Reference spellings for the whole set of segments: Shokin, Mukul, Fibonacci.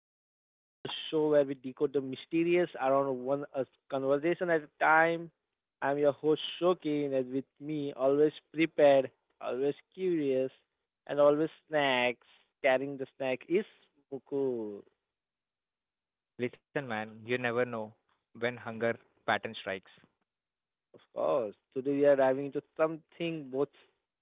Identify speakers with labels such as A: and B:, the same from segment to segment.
A: Universe, the show where we decode the mysterious around one a conversation at a time. I'm your host Shokin, and with me, always prepared, always curious, and always snacks. Carrying the snack is Mukul,
B: Listen, man, you never know when hunger pattern strikes.
A: of course. Today we are diving into something both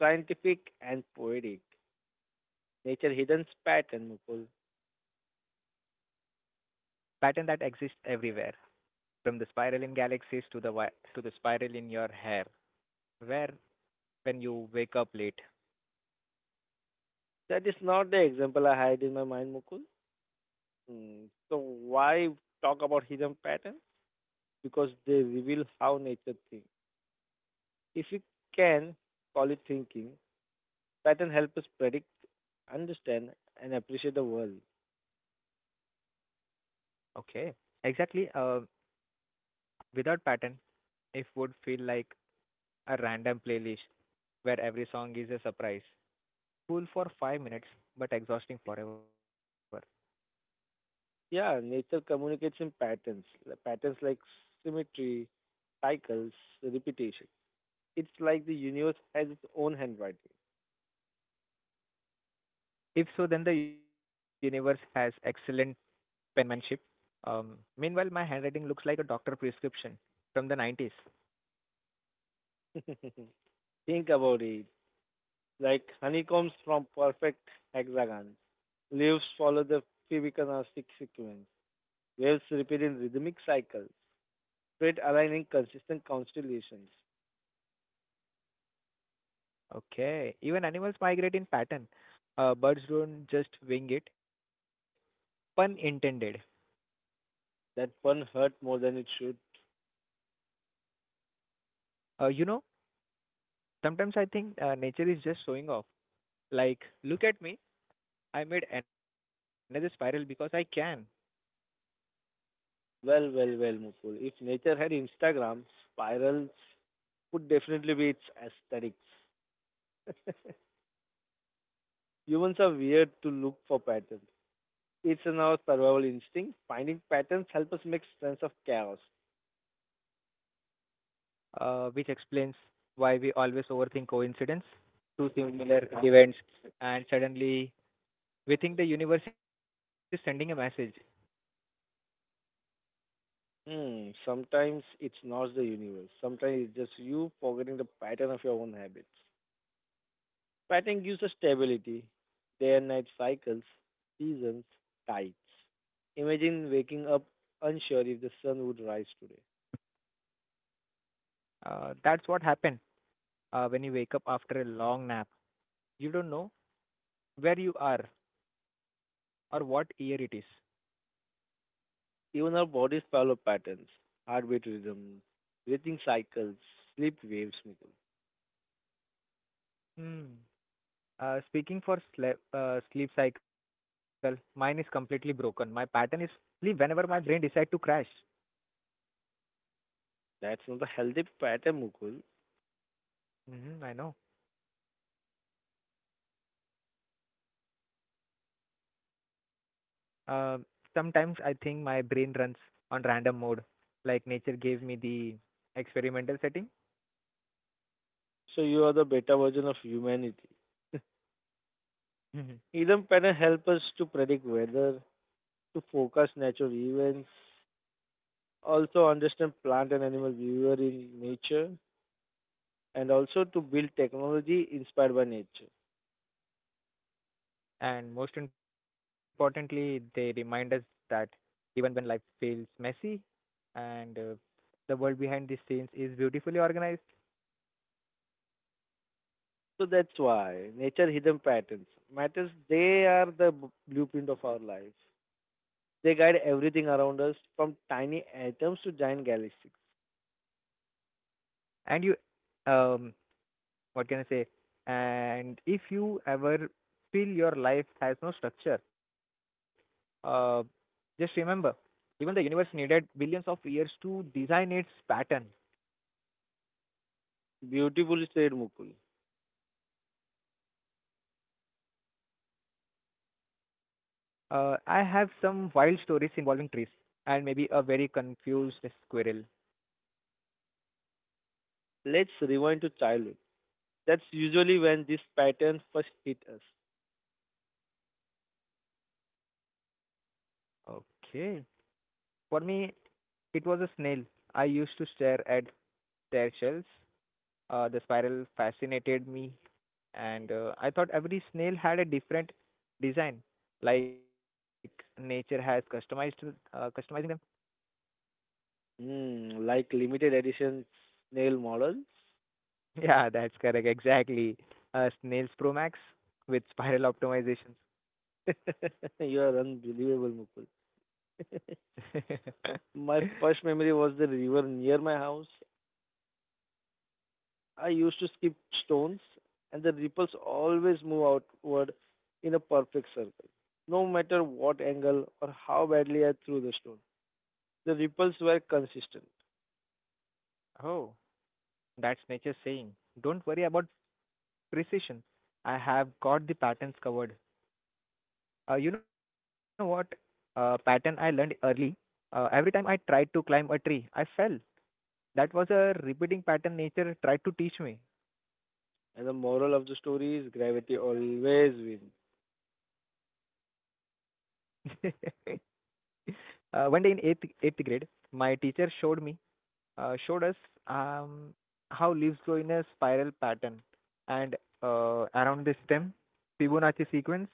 A: scientific and poetic. Nature hidden pattern, Mukul.
B: Pattern that exists everywhere, from the spiral in galaxies to the spiral in your hair. Where when you wake up late.
A: That is not the example I had in my mind, Mukul. Hmm. So why talk about hidden pattern? Because they reveal how nature thinks. If we can call it thinking, pattern help us predict, understand, and appreciate the world.
B: Okay, exactly. Without pattern, it would feel like a random playlist where every song is a surprise. Cool for 5 minutes, but exhausting forever.
A: Yeah, nature communicates in patterns, patterns like symmetry, cycles, repetition. It's like the universe has its own handwriting.
B: If so, then the universe has excellent penmanship. Meanwhile, my handwriting looks like a doctor prescription from the 90s.
A: Think about it. Like honeycombs from perfect hexagons. Leaves follow the Fibonacci sequence. Waves repeat in rhythmic cycles. Spirit aligning consistent constellations.
B: Okay. Even animals migrate in pattern. Birds don't just wing it. Pun intended.
A: That one hurt more than it should.
B: You know, sometimes I think nature is just showing off. Like, look at me. I made another spiral because I can.
A: Well, well, well, Mukul. If nature had Instagram, spirals would definitely be its aesthetics. Humans are weird to look for patterns. It's in our survival instinct. Finding patterns help us make sense of chaos.
B: Which explains why we always overthink coincidence, two similar events, and suddenly we think the universe is sending a message.
A: Hmm, sometimes it's not the universe. Sometimes it's just you forgetting the pattern of your own habits. Pattern gives us stability, day and night cycles, seasons, tides. Imagine waking up unsure if the sun would rise today.
B: That's what happened when you wake up after a long nap. You don't know where you are or what year it is.
A: Even our bodies follow patterns, heartbeat rhythms, breathing cycles, sleep waves, Mukul.
B: Hmm. Speaking for sleep, sleep cycle, mine is completely broken. My pattern is sleep whenever my brain decide to crash.
A: That's not a healthy pattern, Mukul.
B: I know. Uh, sometimes I think my brain runs on random mode, like nature gave me the experimental setting.
A: So you are the better version of humanity. Rhythm pattern
B: Mhm.
A: help us to predict weather, to forecast natural events, also understand plant and animal behavior in nature, and also to build technology inspired by nature.
B: And most importantly, they remind us that even when life feels messy and the world behind the scenes is beautifully organized,
A: So that's why nature hidden patterns matters. They are the blueprint of our lives. They guide everything around us, from tiny atoms to giant galaxies.
B: and you um, what can I say? And if you ever feel your life has no structure, uh, just remember, even the universe needed billions of years to design its pattern.
A: Beautifully said, Mukul.
B: I have some wild stories involving trees and maybe a very confused squirrel.
A: Let's rewind to childhood. That's usually when this pattern first hit us.
B: Okay. For me, it was a snail. I used to stare at their shells. The spiral fascinated me, and I thought every snail had a different design, like nature has customized customizing them.
A: Hmm, like limited edition nail models.
B: Yeah, that's correct. Exactly. Snails Pro Max with spiral optimizations.
A: You are unbelievable, Mukul. My first memory was the river near my house. I used to skip stones, and the ripples always move outward in a perfect circle. No matter what angle or how badly I threw the stone, the ripples were consistent.
B: Oh, that's nature saying, don't worry about precision. I have got the patterns covered. You know what? Pattern I learned early. Every time I tried to climb a tree, I fell. That was a repeating pattern nature tried to teach me.
A: And the moral of the story is gravity always wins.
B: One day in eighth grade, my teacher showed me showed us um, how leaves grow in a spiral pattern and around the stem Fibonacci sequence.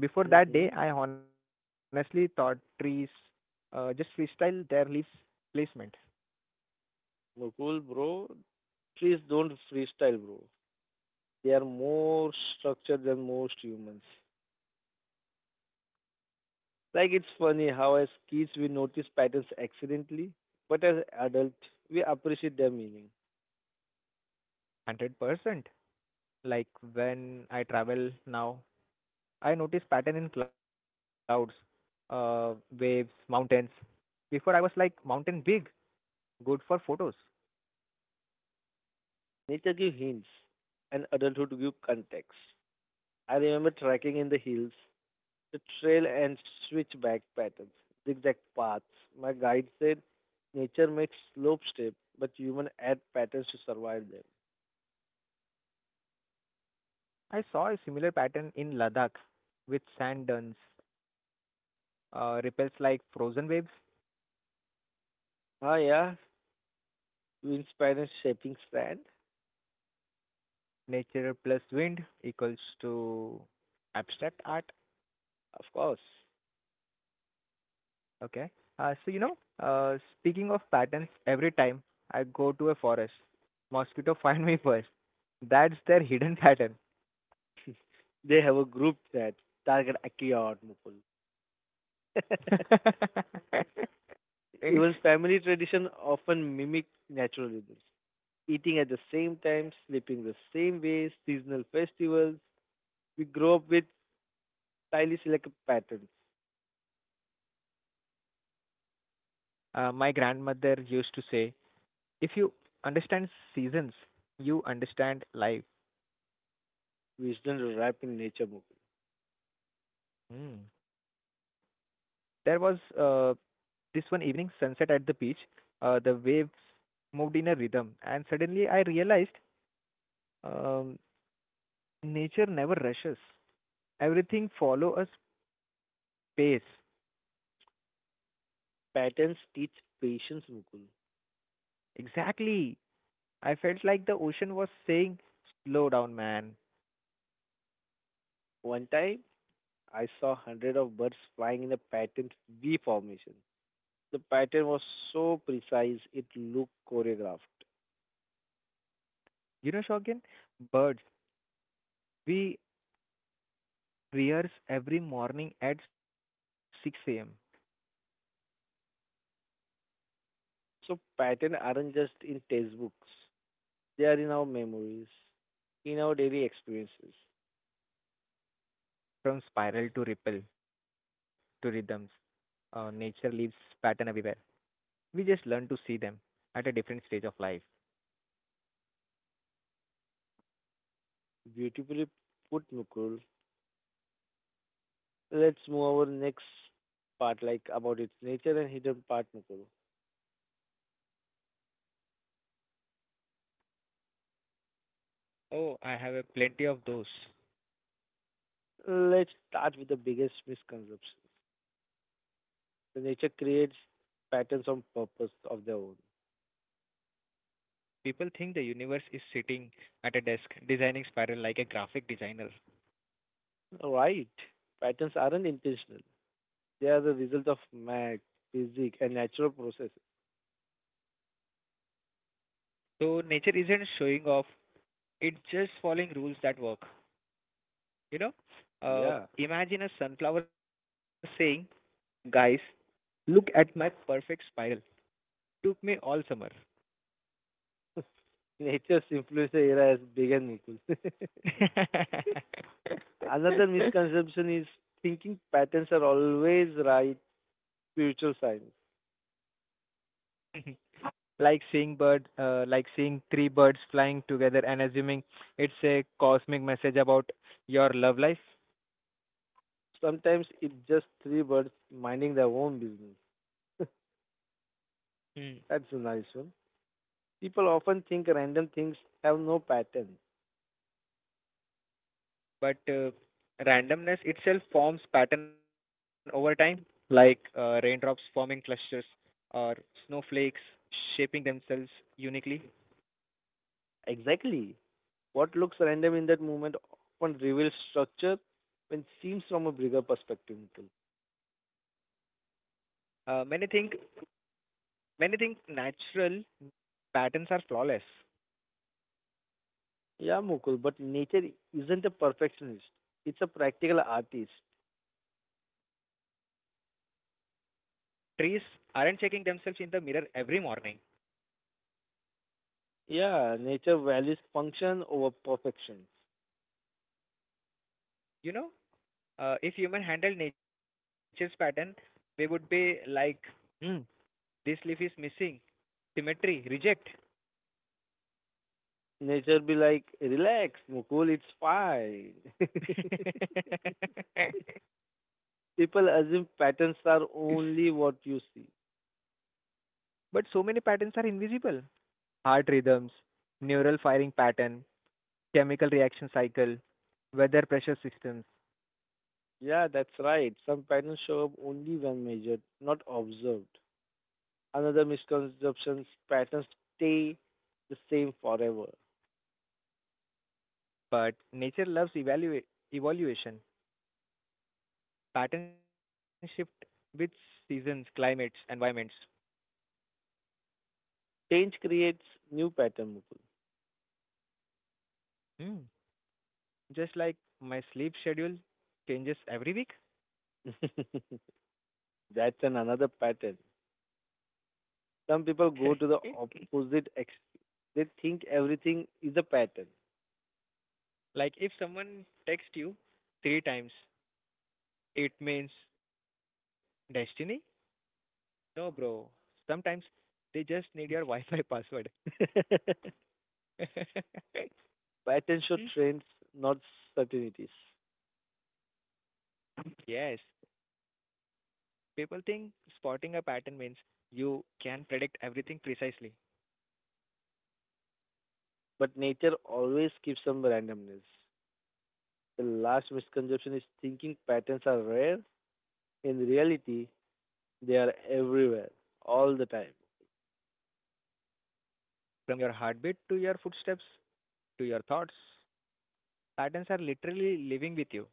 B: Before that day,
A: Mm-hmm.
B: I honestly thought trees just freestyle their leaves placement.
A: Mukul, bro, trees don't freestyle, bro. They are more structured than most humans. Like it's funny how as kids we notice patterns accidentally, but as adults we appreciate their meaning.
B: 100%. Like when I travel now, I notice pattern in clouds, uh, waves, mountains. Before I was like mountain big, good for photos.
A: Nature gives hints and adulthood gives context. I remember trekking in the hills, the trail and switchback patterns, zigzag paths. My guide said nature makes slope steps, but human add patterns to survive them.
B: I saw a similar pattern in Ladakh with sand dunes, ripples like frozen waves,
A: Ah, yeah, you inspire a shaping stand?
B: nature plus wind equals to abstract art.
A: Of course.
B: Okay. So you know, speaking of patterns, every time I go to a forest, mosquito find me first. That's their hidden pattern.
A: They have a group that target Akiya or Mukul. Even family tradition often mimic naturalism. Eating at the same time, sleeping the same way, seasonal festivals. We grow up with highly selective patterns,
B: My grandmother used to say if you understand seasons, you understand life.
A: which then wrap in nature, Mukul.
B: Mm. There was this one evening sunset at the beach. The waves moved in a rhythm, and suddenly I realized um, nature never rushes. Everything follow a pace.
A: Patterns teach patience, Mukul.
B: Exactly. I felt like the ocean was saying, "Slow down, man."
A: One time, I saw hundred of birds flying in a pattern V formation. The pattern was so precise, it looked choreographed.
B: You know, Shogun, birds. We rehearse every morning at 6 a.m.
A: So patterns aren't just in textbooks. They are in our memories, in our daily experiences.
B: From spiral to ripple to rhythms. Nature leaves pattern everywhere. We just learn to see them at a different stage of life.
A: Beautifully put, Mukul. Let's move over next part, like about its nature and hidden part, Mukul.
B: Oh, I have a plenty of those.
A: Let's start with the biggest misconception. The nature creates patterns on purpose of their own.
B: People think the universe is sitting at a desk designing spiral like a graphic designer.
A: Right. Patterns aren't intentional. They are the result of math, physics, and natural processes.
B: So nature isn't showing off; it's just following rules that work. You know,
A: Yeah.
B: uh, imagine a sunflower saying, "Guys, look at my perfect spiral. Took me all summer."
A: Nature's influence era has begun, Mukul. Another misconception is thinking patterns are always right spiritual signs.
B: Like seeing 3 birds flying together and assuming it's a cosmic message about your love life.
A: Sometimes it's just three birds minding their own business.
B: Hmm.
A: That's a nice one. People often think random things have no pattern.
B: but randomness itself forms pattern over time, like raindrops forming clusters or snowflakes shaping themselves uniquely.
A: Exactly. What looks random in that moment often reveals structure when seen from a bigger perspective, Mukul.
B: Uh, many think many think natural patterns are flawless.
A: Yeah, Mukul, but nature isn't a perfectionist. It's a practical artist.
B: Trees aren't checking themselves in the mirror every morning.
A: Yeah, nature values function over perfection.
B: You know if human handled nature's pattern, we would be like, hmm, this leaf is missing, symmetry, reject.
A: Nature be like, relax, Mukul, it's fine. People assume patterns are only what you see.
B: But so many patterns are invisible. Heart rhythms, neural firing pattern, chemical reaction cycle, weather pressure systems.
A: Yeah, that's right. Some patterns show up only when measured, not observed. Another misconception patterns stay the same forever.
B: But nature loves evaluate evaluation. Pattern shift with seasons, climates, environments.
A: Change creates new pattern.
B: Hmm. Just like my sleep schedule changes every week.
A: Mukul. That's an another pattern. Some people go to the opposite extreme. They think everything is a pattern.
B: Like if someone texts you 3 times, it means destiny? No, bro. Sometimes they just need your Wi-Fi password.
A: Patterns show trends, not certainties.
B: Yes, people think spotting a pattern means you can predict everything precisely,
A: But nature always keeps some randomness. The last misconception is thinking patterns are rare. In reality, they are everywhere, all the time.
B: from your heartbeat to your footsteps to your thoughts. Patterns are literally living with you.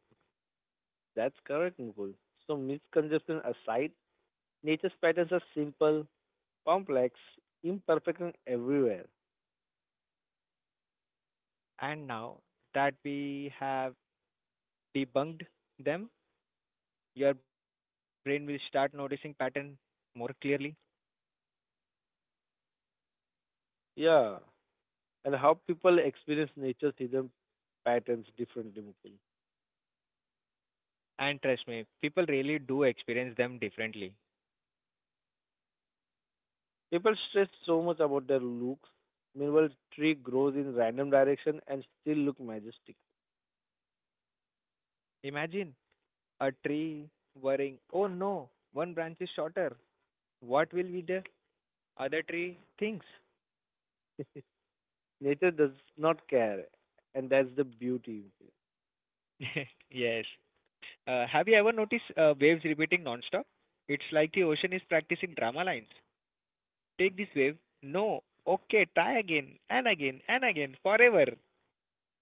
A: That's correct, Mukul. So, misconception aside, nature's patterns are simple, complex, imperfect, and everywhere.
B: And now that we have debunked them, your brain will start noticing pattern more clearly.
A: Yeah. And how people experience nature's hidden patterns differently, Mukul. People stress so much about their looks. Meanwhile, tree grows in random direction and still look majestic. Nature does not care, and that's the beauty.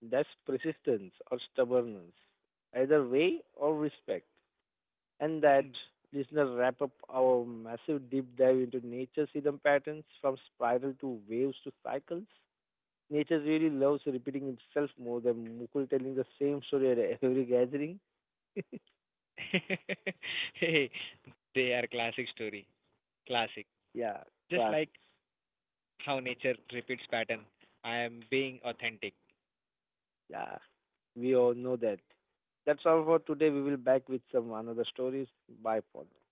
A: That's persistence or stubbornness, either way or respect. And that listener wrap up our massive deep dive into nature's hidden patterns from spiral to waves to cycles. Nature really loves repeating itself more than Mukul telling the same story at every gathering. Yeah, classics. Yeah, we all know that. That's all for today. We will back with some another stories. Bye, for now.